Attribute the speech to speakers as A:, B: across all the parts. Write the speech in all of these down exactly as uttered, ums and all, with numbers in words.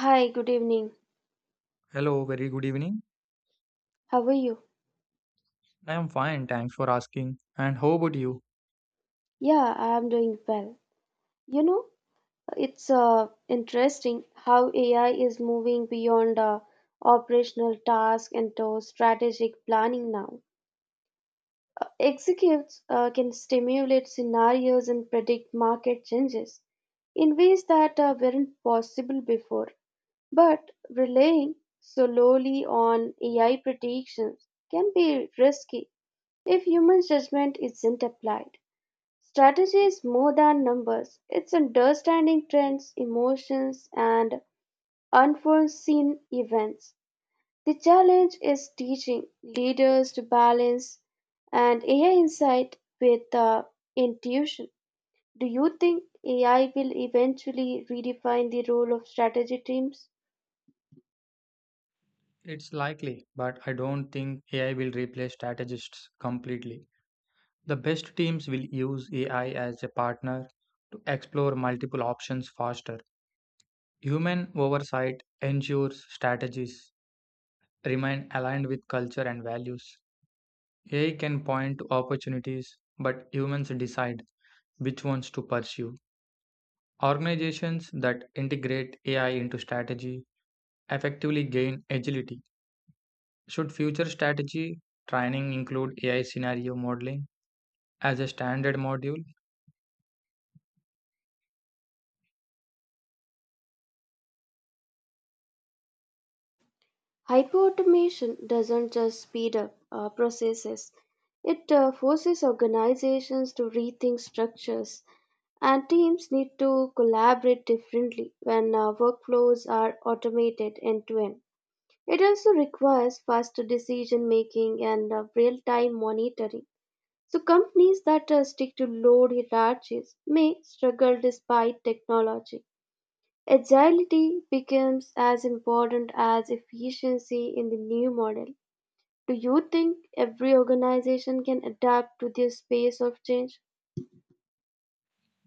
A: Hi, good evening.
B: Hello, very good evening.
A: How are you?
B: I am fine, thanks for asking. And how about you?
A: Yeah, I am doing well. You know, it's uh, interesting how A I is moving beyond uh, operational tasks into strategic planning now. Executives uh, can stimulate scenarios and predict market changes in ways that uh, weren't possible before. But relying solely on A I predictions can be risky if human judgment isn't applied. Strategy is more than numbers, it's understanding trends, emotions, and unforeseen events. The challenge is teaching leaders to balance and A I insight with uh, intuition. Do you think A I will eventually redefine the role of strategy teams?
B: It's likely, but I don't think A I will replace strategists completely. The best teams will use A I as a partner to explore multiple options faster. Human oversight ensures strategies remain aligned with culture and values. A I can point to opportunities, but humans decide which ones to pursue. Organizations that integrate A I into strategy effectively gain agility. Should future strategy training include A I scenario modeling as a standard module?
A: Hyperautomation doesn't just speed up uh, processes, it uh, forces organizations to rethink structures, and teams need to collaborate differently when uh, workflows are automated end to end. It also requires faster decision making and real time monitoring. So, companies that uh, stick to low hierarchies may struggle despite technology. Agility becomes as important as efficiency in the new model. Do you think every organization can adapt to this pace of change?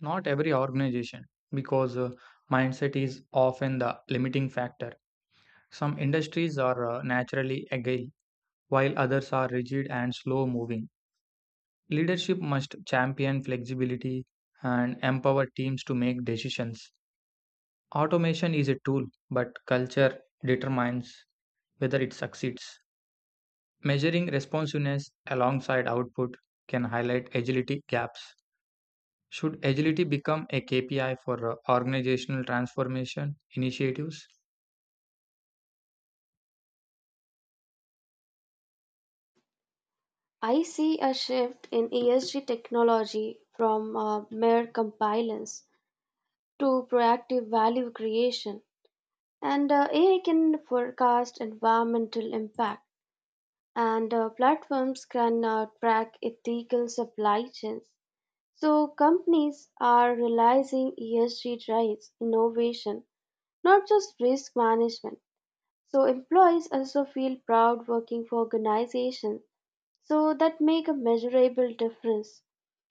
B: Not every organization, because uh, mindset is often the limiting factor. Some industries are uh, naturally agile, while others are rigid and slow moving. Leadership must champion flexibility and empower teams to make decisions. Automation is a tool, but culture determines whether it succeeds. Measuring responsiveness alongside output can highlight agility gaps. Should agility become a K P I for uh, organizational transformation initiatives?
A: I see a shift in E S G technology from uh, mere compliance to proactive value creation, and uh, A I can forecast environmental impact, and uh, platforms can uh, track ethical supply chains. So companies are realizing E S G drives innovation, not just risk management. So employees also feel proud working for organizations so that make a measurable difference.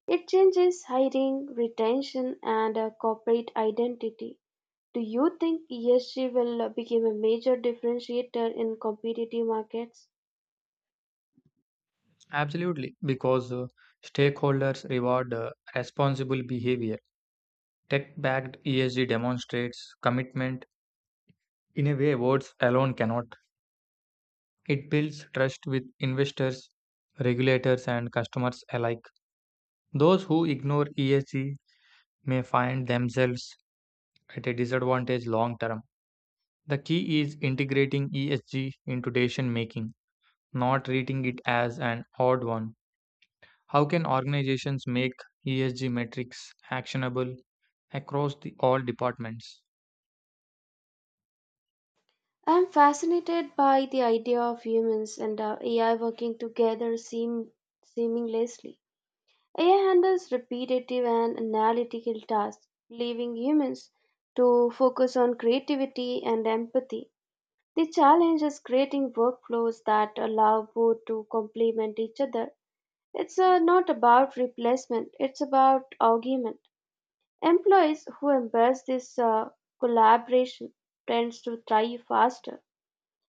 A: It changes hiring, retention and uh, corporate identity. Do you think E S G will uh, become a major differentiator in competitive markets?
B: Absolutely, because uh, stakeholders reward uh, responsible behavior. Tech backed E S G demonstrates commitment in a way words alone cannot. It builds trust with investors, regulators, and customers alike. Those who ignore E S G may find themselves at a disadvantage long term. The key is integrating E S G into decision making, not treating it as an odd one. How can organizations make E S G metrics actionable across the all departments?
A: I'm fascinated by the idea of humans and uh, A I working together seam- seamlessly. A I handles repetitive and analytical tasks, leaving humans to focus on creativity and empathy. The challenge is creating workflows that allow both to complement each other. It's uh, not about replacement, it's about augment. Employees who embrace this uh, collaboration tends to thrive faster.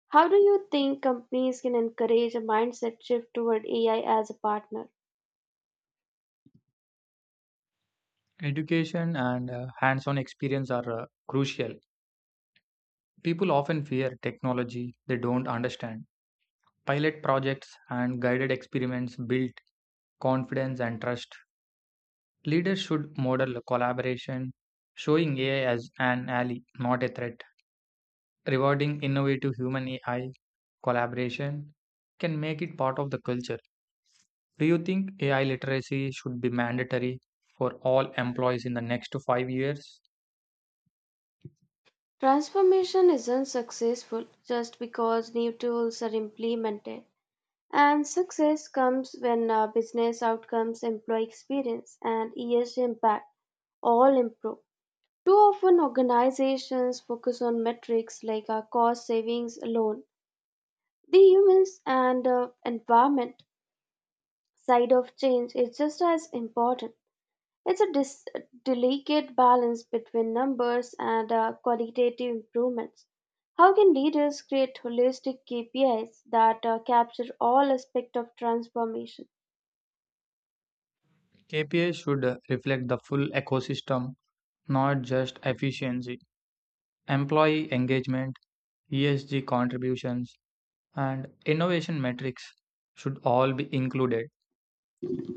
A: How do you think companies can encourage a mindset shift toward A I as a partner?
B: Education and uh, hands-on experience are uh, crucial. People often fear technology they don't understand. Pilot projects and guided experiments build confidence and trust. Leaders should model collaboration, showing A I as an ally, not a threat. Rewarding innovative human A I collaboration can make it part of the culture. Do you think A I literacy should be mandatory for all employees in the next five years?
A: Transformation isn't successful just because new tools are implemented. And success comes when uh, business outcomes, employee experience, and E S G impact all improve. Too often, organizations focus on metrics like uh, cost savings alone. The humans and uh, environment side of change is just as important. It's a dis- delicate balance between numbers and uh, qualitative improvements. How can leaders create holistic K P Is that uh, capture all aspects of transformation?
B: K P I should uh, reflect the full ecosystem, not just efficiency. Employee engagement, E S G contributions, and innovation metrics should all be included.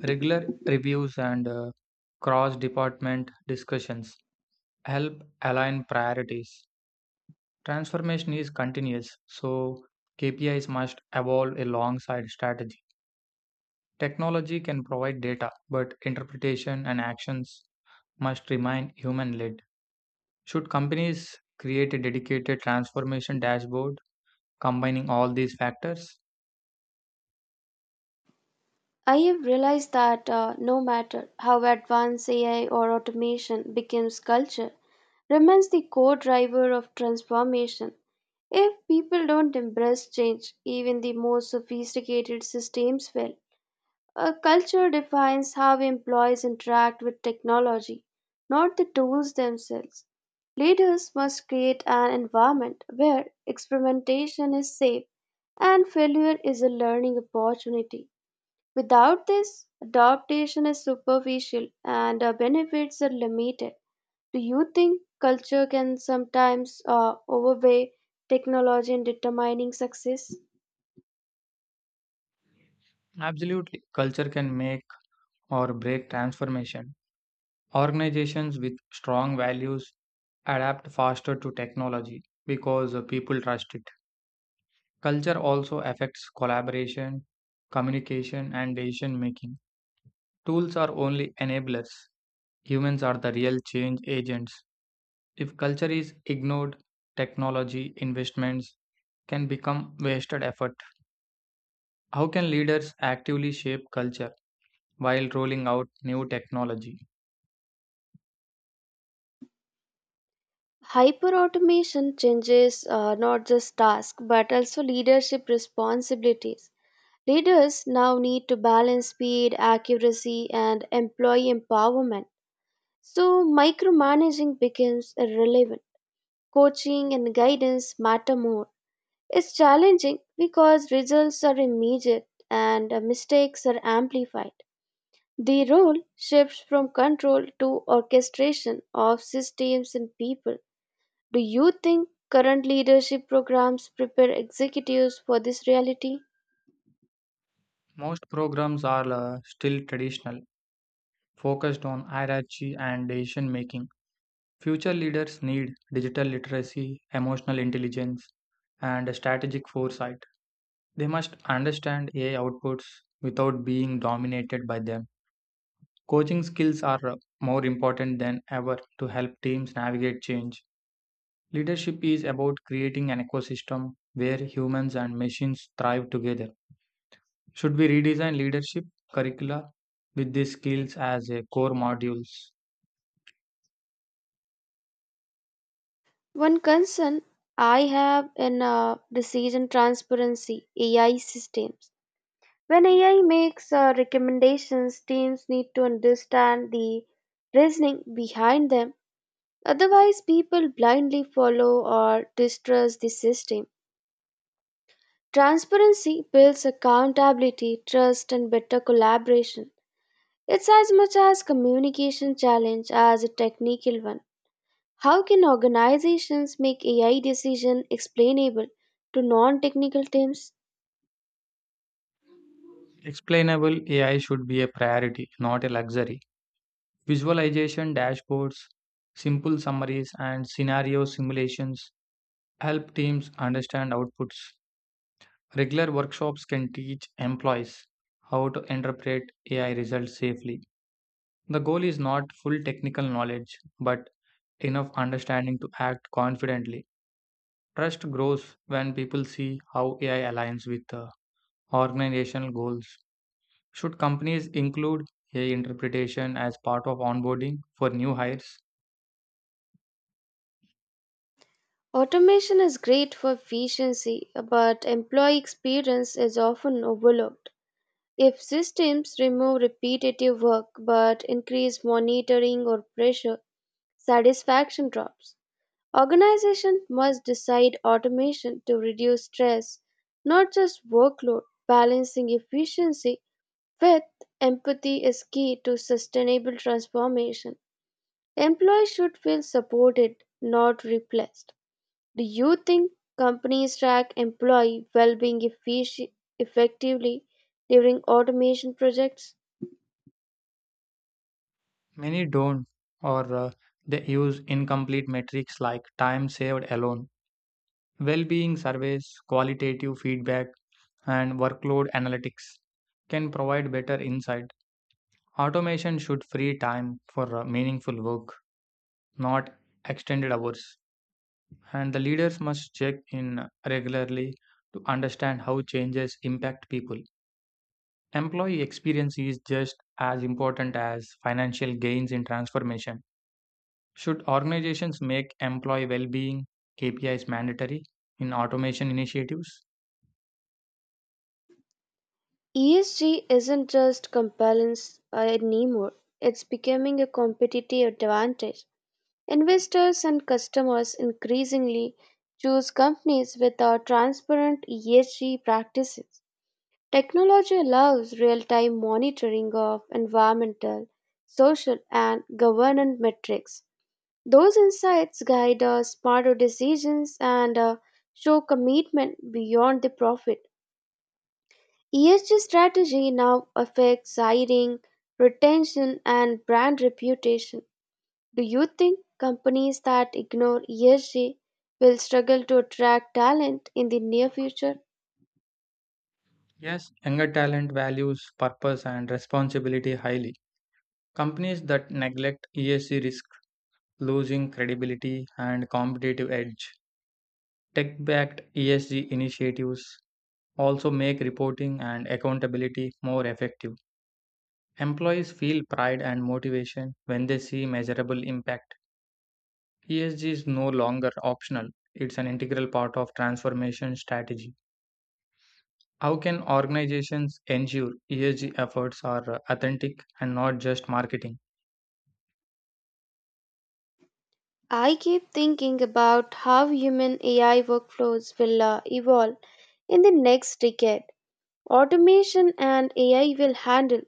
B: Regular reviews and uh, cross department discussions help align priorities. Transformation is continuous, so K P Is must evolve alongside strategy. Technology can provide data, but interpretation and actions must remain human led. Should companies create a dedicated transformation dashboard combining all these factors?
A: I have realized that uh, no matter how advanced A I or automation becomes culture, remains the core driver of transformation. If people don't embrace change, even the most sophisticated systems fail. A culture defines how employees interact with technology, not the tools themselves. Leaders must create an environment where experimentation is safe and failure is a learning opportunity. Without this, adaptation is superficial and uh, benefits are limited. Do you think culture can sometimes uh, overweigh technology in determining success?
B: Absolutely. Culture can make or break transformation. Organizations with strong values adapt faster to technology because uh, people trust it. Culture also affects collaboration, communication, and decision making. Tools are only enablers. Humans are the real change agents. If culture is ignored, technology investments can become wasted effort. How can leaders actively shape culture while rolling out new technology?
A: Hyperautomation changes uh, not just tasks but also leadership responsibilities. Leaders now need to balance speed, accuracy, and employee empowerment. So, micromanaging becomes irrelevant. Coaching and guidance matter more. It's challenging because results are immediate and uh, mistakes are amplified. The role shifts from control to orchestration of systems and people. Do you think current leadership programs prepare executives for this reality?
B: Most programs are uh, still traditional, focused on hierarchy and decision making. Future leaders need digital literacy, emotional intelligence, and strategic foresight. They must understand A I outputs without being dominated by them. Coaching skills are uh, more important than ever to help teams navigate change. Leadership is about creating an ecosystem where humans and machines thrive together. Should we redesign leadership curricula with these skills as a core modules?
A: One concern I have in uh, decision transparency A I systems. When A I makes uh, recommendations, teams need to understand the reasoning behind them. Otherwise, people blindly follow or distrust the system. Transparency builds accountability, trust, and better collaboration. It's as much as communication challenge as a technical one. How can organizations make A I decision explainable to non-technical teams?
B: Explainable A I should be a priority, not a luxury. Visualization dashboards, simple summaries, and scenario simulations help teams understand outputs. Regular workshops can teach employees how to interpret A I results safely. The goal is not full technical knowledge, but enough understanding to act confidently. Trust grows when people see how A I aligns with the organizational goals. Should companies include A I interpretation as part of onboarding for new hires?
A: Automation is great for efficiency, but employee experience is often overlooked. If systems remove repetitive work but increase monitoring or pressure, satisfaction drops. Organizations must decide automation to reduce stress, not just workload. Balancing efficiency with empathy is key to sustainable transformation. Employees should feel supported, not replaced. Do you think companies track employee well-being effici- effectively during automation projects?
B: Many don't, or uh, they use incomplete metrics like time saved alone, well being surveys, qualitative feedback, and workload analytics can provide better insight. Automation should free time for uh, meaningful work, not extended hours. And the leaders must check in regularly to understand how changes impact people. Employee experience is just as important as financial gains in transformation. Should organizations make employee well-being K P Is mandatory in automation initiatives?
A: E S G isn't just compliance anymore. It's becoming a competitive advantage. Investors and customers increasingly choose companies with a transparent E S G practices. Technology allows real-time monitoring of environmental, social, and governance metrics. Those insights guide uh, smarter decisions and uh, show commitment beyond the profit. E S G strategy now affects hiring, retention, and brand reputation. Do you think companies that ignore E S G will struggle to attract talent in the near future?
B: Yes, younger talent values purpose and responsibility highly. Companies that neglect E S G risk losing credibility and competitive edge. Tech-backed E S G initiatives also make reporting and accountability more effective. Employees feel pride and motivation when they see measurable impact. E S G is no longer optional, it's an integral part of transformation strategy. How can organizations ensure E S G efforts are uh, authentic and not just marketing?
A: I keep thinking about how human A I workflows will uh, evolve in the next decade. Automation and A I will handle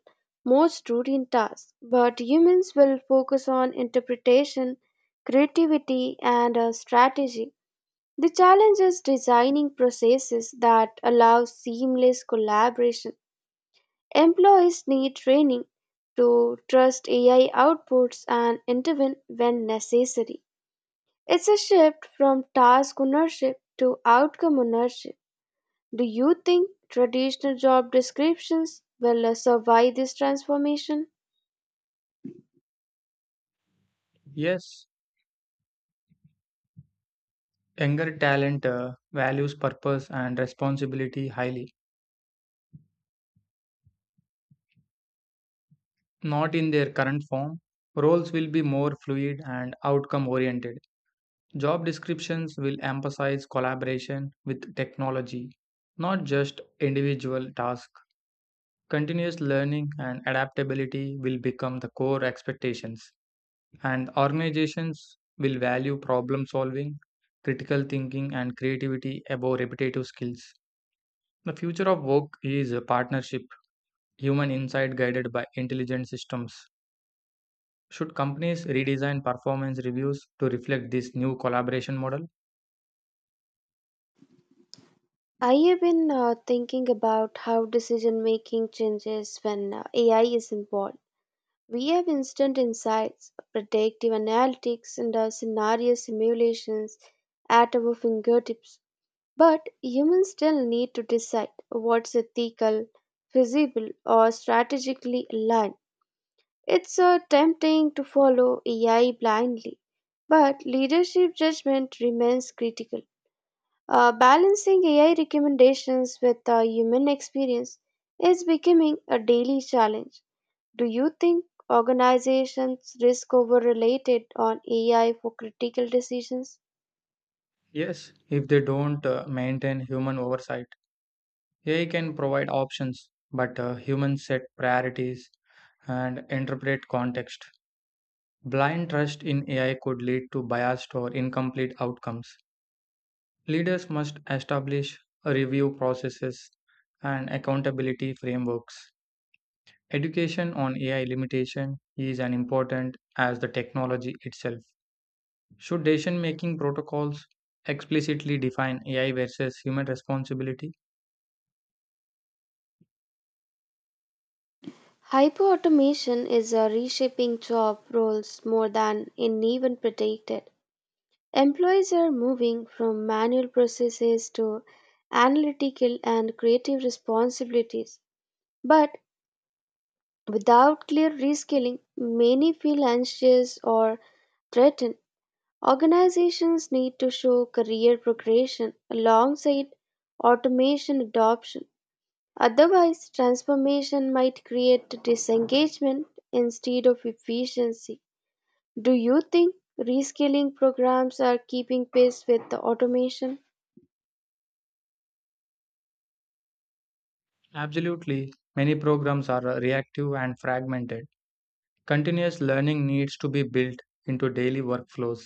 A: most routine tasks, but humans will focus on interpretation, creativity, and uh, strategy. The challenge is designing processes that allow seamless collaboration. Employees need training to trust A I outputs and intervene when necessary. It's a shift from task ownership to outcome ownership. Do you think traditional job descriptions will uh, survive this transformation?
B: Yes, younger talent uh, values purpose and responsibility highly. Not in their current form, roles will be more fluid and outcome oriented. Job descriptions will emphasize collaboration with technology, not just individual tasks. Continuous learning and adaptability will become the core expectations, and organizations will value problem solving, critical thinking, and creativity above repetitive skills. The future of work is a partnership, human insight guided by intelligent systems. Should companies redesign performance reviews to reflect this new collaboration model?
A: I have been uh, thinking about how decision making changes when uh, A I is involved. We have instant insights, predictive analytics, and uh, scenario simulations at our fingertips. But humans still need to decide what's ethical, feasible, or strategically aligned. It's uh, tempting to follow A I blindly, but leadership judgment remains critical. Uh, balancing A I recommendations with uh, human experience is becoming a daily challenge. Do you think organizations risk over related on A I for critical decisions?
B: Yes, if they don't uh, maintain human oversight. A I can provide options, but uh, humans set priorities and interpret context. Blind trust in A I could lead to biased or incomplete outcomes. Leaders must establish review processes and accountability frameworks. Education on A I limitation is as important as the technology itself. Should decision making protocols explicitly define A I versus human responsibility?
A: Hyperautomation is uh, reshaping job roles more than in even predicted. Employees are moving from manual processes to analytical and creative responsibilities. But without clear reskilling, many feel anxious or threatened. Organizations need to show career progression alongside automation adoption. Otherwise, transformation might create disengagement instead of efficiency. Do you think reskilling programs are keeping pace with the automation?
B: Absolutely. Many programs are uh, reactive and fragmented. Continuous learning needs to be built into daily workflows.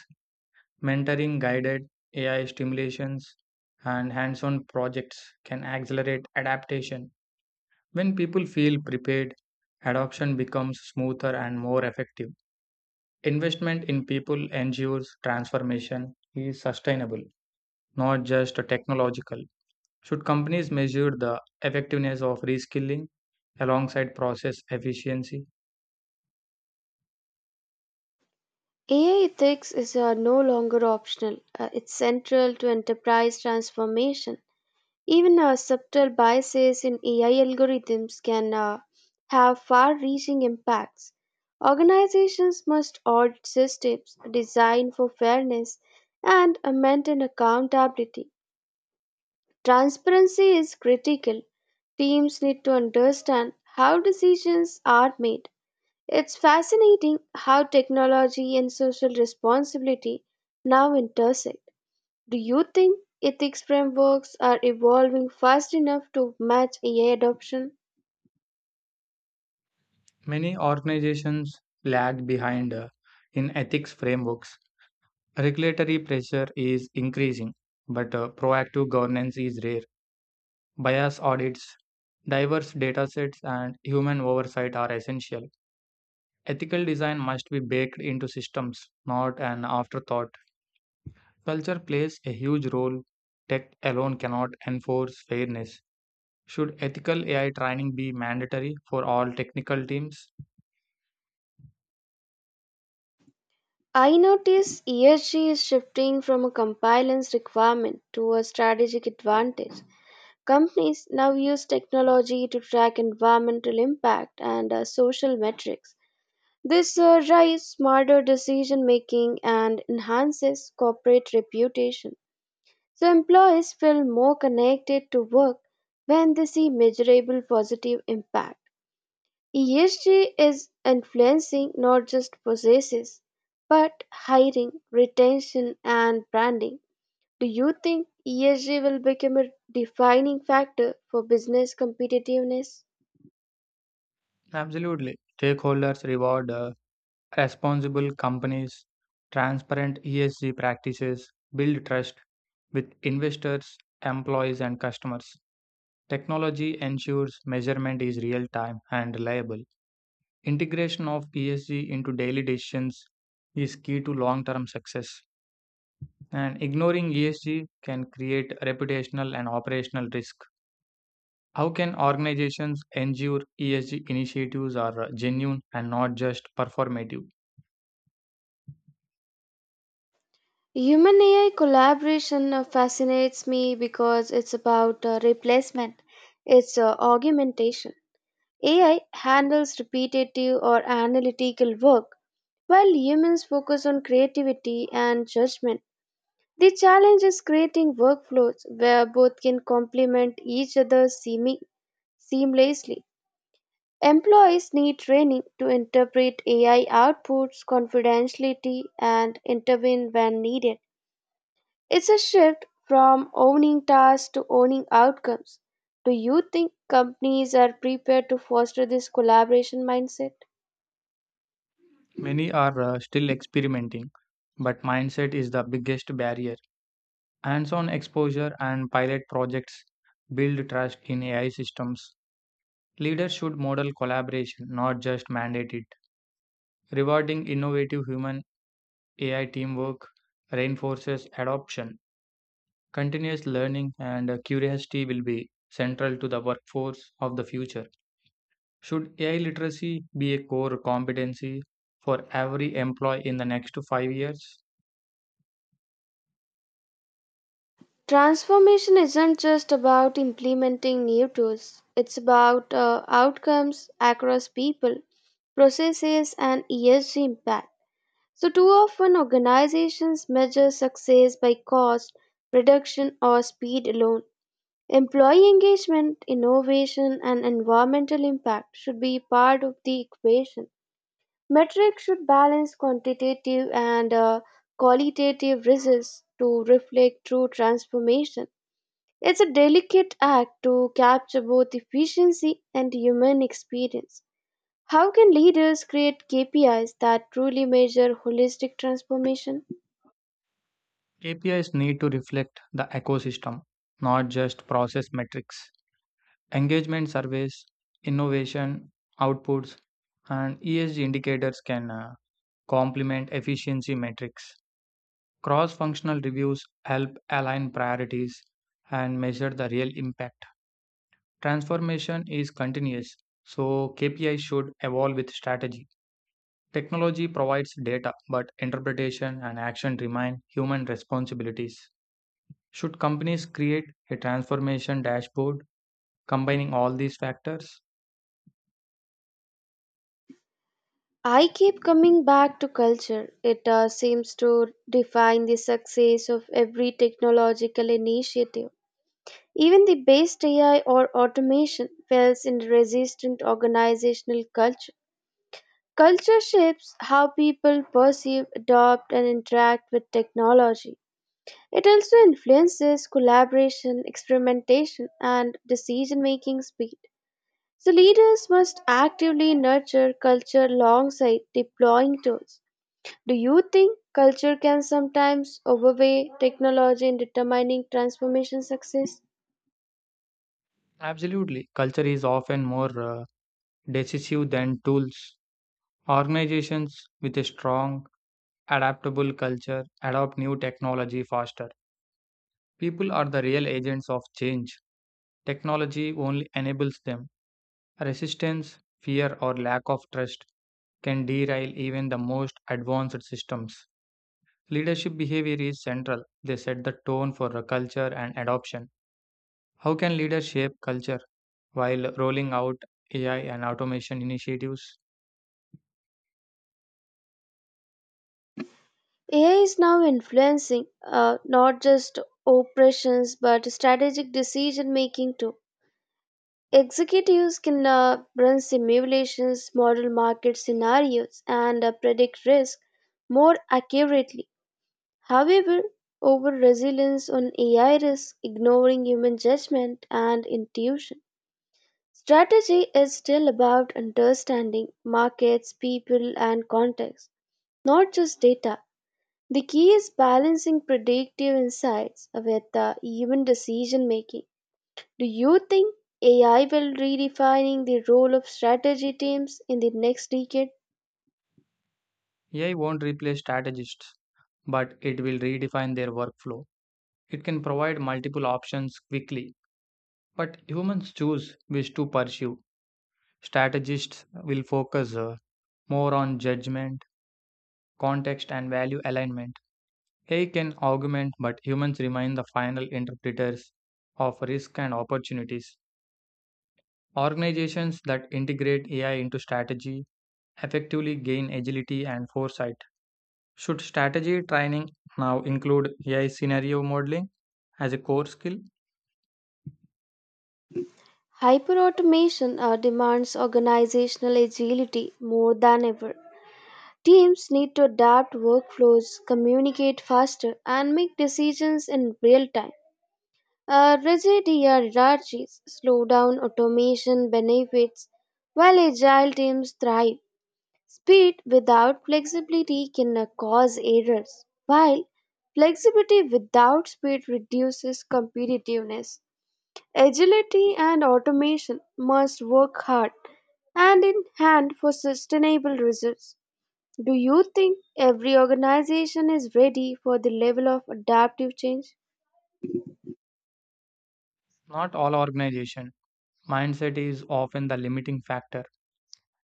B: Mentoring, guided A I stimulations, and hands on projects can accelerate adaptation. When people feel prepared, adoption becomes smoother and more effective. Investment in people ensures transformation is sustainable, not just technological. Should companies measure the effectiveness of reskilling alongside process efficiency?
A: A I ethics is uh, no longer optional. Uh, it's central to enterprise transformation. Even uh, subtle biases in A I algorithms can uh, have far reaching impacts. Organizations must audit systems, design for fairness, and uh, maintain accountability. Transparency is critical. Teams need to understand how decisions are made. It's fascinating how technology and social responsibility now intersect. Do you think ethics frameworks are evolving fast enough to match A I adoption?
B: Many organizations lag behind uh, in ethics frameworks. Regulatory pressure is increasing, but uh, proactive governance is rare. Bias audits, diverse datasets, and human oversight are essential. Ethical design must be baked into systems, not an afterthought. Culture plays a huge role. Tech alone cannot enforce fairness. Should ethical A I training be mandatory for all technical teams?
A: I notice E S G is shifting from a compliance requirement to a strategic advantage. Companies now use technology to track environmental impact and uh, social metrics. This uh, drives smarter decision making and enhances corporate reputation. So, employees feel more connected to work when they see measurable positive impact. E S G is influencing not just processes but hiring, retention, and branding. Do you think E S G will become a defining factor for business competitiveness?
B: Absolutely. Stakeholders reward uh, responsible companies, transparent E S G practices, build trust with investors, employees, and customers. Technology ensures measurement is real time and reliable. Integration of E S G into daily decisions is key to long term success. And ignoring E S G can create reputational and operational risk. How can organizations ensure E S G initiatives are uh, genuine and not just performative?
A: Human A I collaboration uh, fascinates me because it's about uh, replacement, it's uh, augmentation. A I handles repetitive or analytical work, while humans focus on creativity and judgment. The challenge is creating workflows where both can complement each other seemi- seamlessly. Employees need training to interpret A I outputs confidentially and intervene when needed. It's a shift from owning tasks to owning outcomes. Do you think companies are prepared to foster this collaboration mindset?
B: Many are uh, still experimenting, but mindset is the biggest barrier. Hands on exposure and pilot projects build trust in A I systems. Leaders should model collaboration, not just mandate it. Rewarding innovative human A I teamwork reinforces adoption. Continuous learning and uh, curiosity will be central to the workforce of the future. Should A I literacy be a core competency for every employee in the next five years?
A: Transformation isn't just about implementing new tools, it's about uh, outcomes across people, processes, and E S G impact. So, too often organizations measure success by cost, reduction, or speed alone. Employee engagement, innovation, and environmental impact should be part of the equation. Metrics should balance quantitative and uh, qualitative results to reflect true transformation. It's a delicate act to capture both efficiency and human experience. How can leaders create K P Is that truly measure holistic transformation?
B: K P Is need to reflect the ecosystem, not just process metrics. Engagement surveys, innovation outputs, and E S G indicators can uh, complement efficiency metrics. Cross functional reviews help align priorities and measure the real impact. Transformation is continuous, so K P Is should evolve with strategy. Technology provides data, but interpretation and action remain human responsibilities. Should companies create a transformation dashboard combining all these factors?
A: I keep coming back to culture. It uh, seems to define the success of every technological initiative. Even the best A I or automation fails in resistant organizational culture. Culture shapes how people perceive, adopt, and interact with technology. It also influences collaboration, experimentation, and decision making speed. So, leaders must actively nurture culture alongside deploying tools. Do you think culture can sometimes overweigh technology in determining transformation success?
B: Absolutely. Culture is often more uh, decisive than tools. Organizations with a strong, adaptable culture adopt new technology faster. People are the real agents of change. Technology only enables them. Resistance, fear, or lack of trust can derail even the most advanced systems. Leadership behavior is central. They set the tone for a culture and adoption. How can leaders shape culture while rolling out A I and automation initiatives?
A: A I is now influencing uh, not just operations but strategic decision making too. Executives can uh, run simulations, model market scenarios, and uh, predict risk more accurately. However, over resilience on A I risk ignoring human judgment and intuition. Strategy is still about understanding markets, people, and context, not just data. The key is balancing predictive insights with uh, human decision making. Do you think A I will redefining the role of strategy teams in the next decade?
B: A I won't replace strategists, but it will redefine their workflow. It can provide multiple options quickly, but humans choose which to pursue. Strategists will focus uh, more on judgment, context, and value alignment. A I can augment, but humans remain the final interpreters of risk and opportunities. Organizations that integrate A I into strategy effectively gain agility and foresight. Should strategy training now include A I scenario modeling as a core skill?
A: Hyperautomation uh, demands organizational agility more than ever. Teams need to adapt workflows, communicate faster, and make decisions in real time. Uh, rigid hierarchies slow down automation benefits while agile teams thrive. Speed without flexibility can uh, cause errors, while flexibility without speed reduces competitiveness. Agility and automation must work hard hand in hand for sustainable results. Do you think every organization is ready for the level of adaptive change?
B: Not all organization. Mindset is often the limiting factor.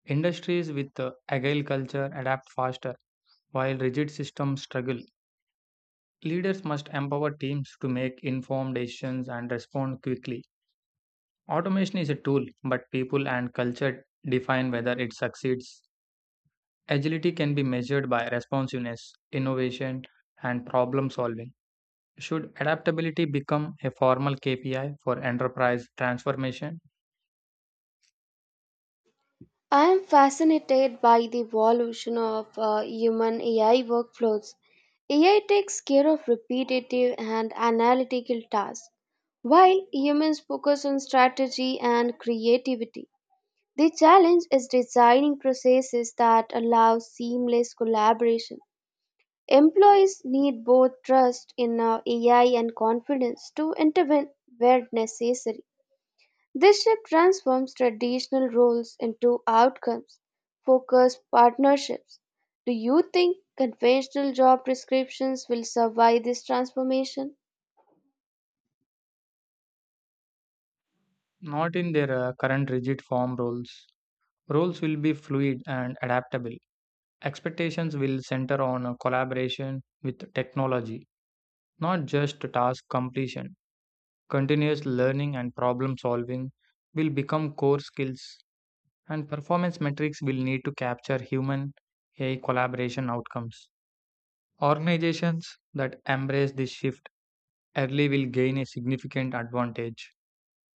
B: Industries with a agile culture adapt faster, while rigid systems struggle. Leaders must empower teams to make informed decisions and respond quickly. Automation is a tool, but people and culture define whether it succeeds. Agility can be measured by responsiveness, innovation, and problem solving. Should adaptability become a formal K P I for enterprise transformation?
A: I am fascinated by the evolution of uh, human A I workflows. A I takes care of repetitive and analytical tasks, while humans focus on strategy and creativity. The challenge is designing processes that allow seamless collaboration. Employees need both trust in uh, A I and confidence to intervene where necessary. This shift transforms traditional roles into outcomes focused partnerships. Do you think conventional job descriptions will survive this transformation?
B: Not in their uh, current rigid form roles. Roles will be fluid and adaptable. Expectations will center on uh, collaboration with technology, not just task completion. Continuous learning and problem solving will become core skills and performance metrics will need to capture human A I collaboration outcomes. Organizations that embrace this shift early will gain a significant advantage.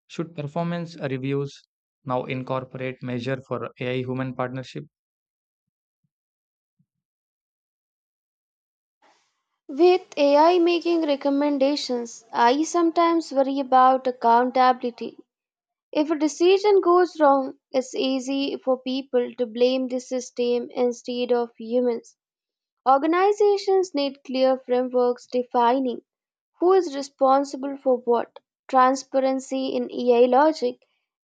B: Should performance reviews now incorporate measure for A I human partnership?
A: With A I making recommendations, I sometimes worry about accountability. If a decision goes wrong, it's easy for people to blame the system instead of humans. Organizations need clear frameworks defining who is responsible for what. Transparency in A I logic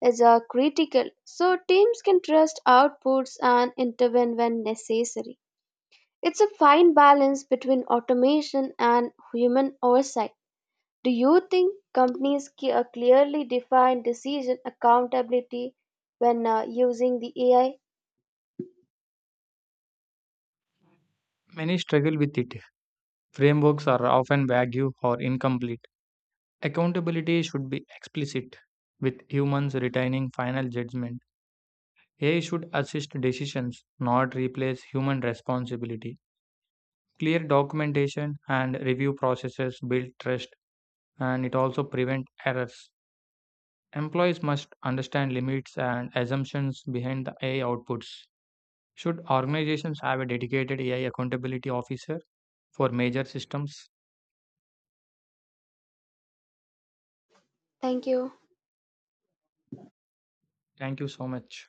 A: is uh, critical so teams can trust outputs and intervene when necessary. It's a fine balance between automation and human oversight. Do you think companies ca- uh, clearly define decision accountability when uh, using the A I?
B: Many struggle with it. Frameworks are often vague or incomplete. Accountability should be explicit, with humans retaining final judgment. A I should assist decisions, not replace human responsibility. Clear documentation and review processes build trust and it also prevent errors. Employees must understand limits and assumptions behind the A I outputs. Should organizations have a dedicated A I accountability officer for major systems?
A: Thank you.
B: Thank you so much.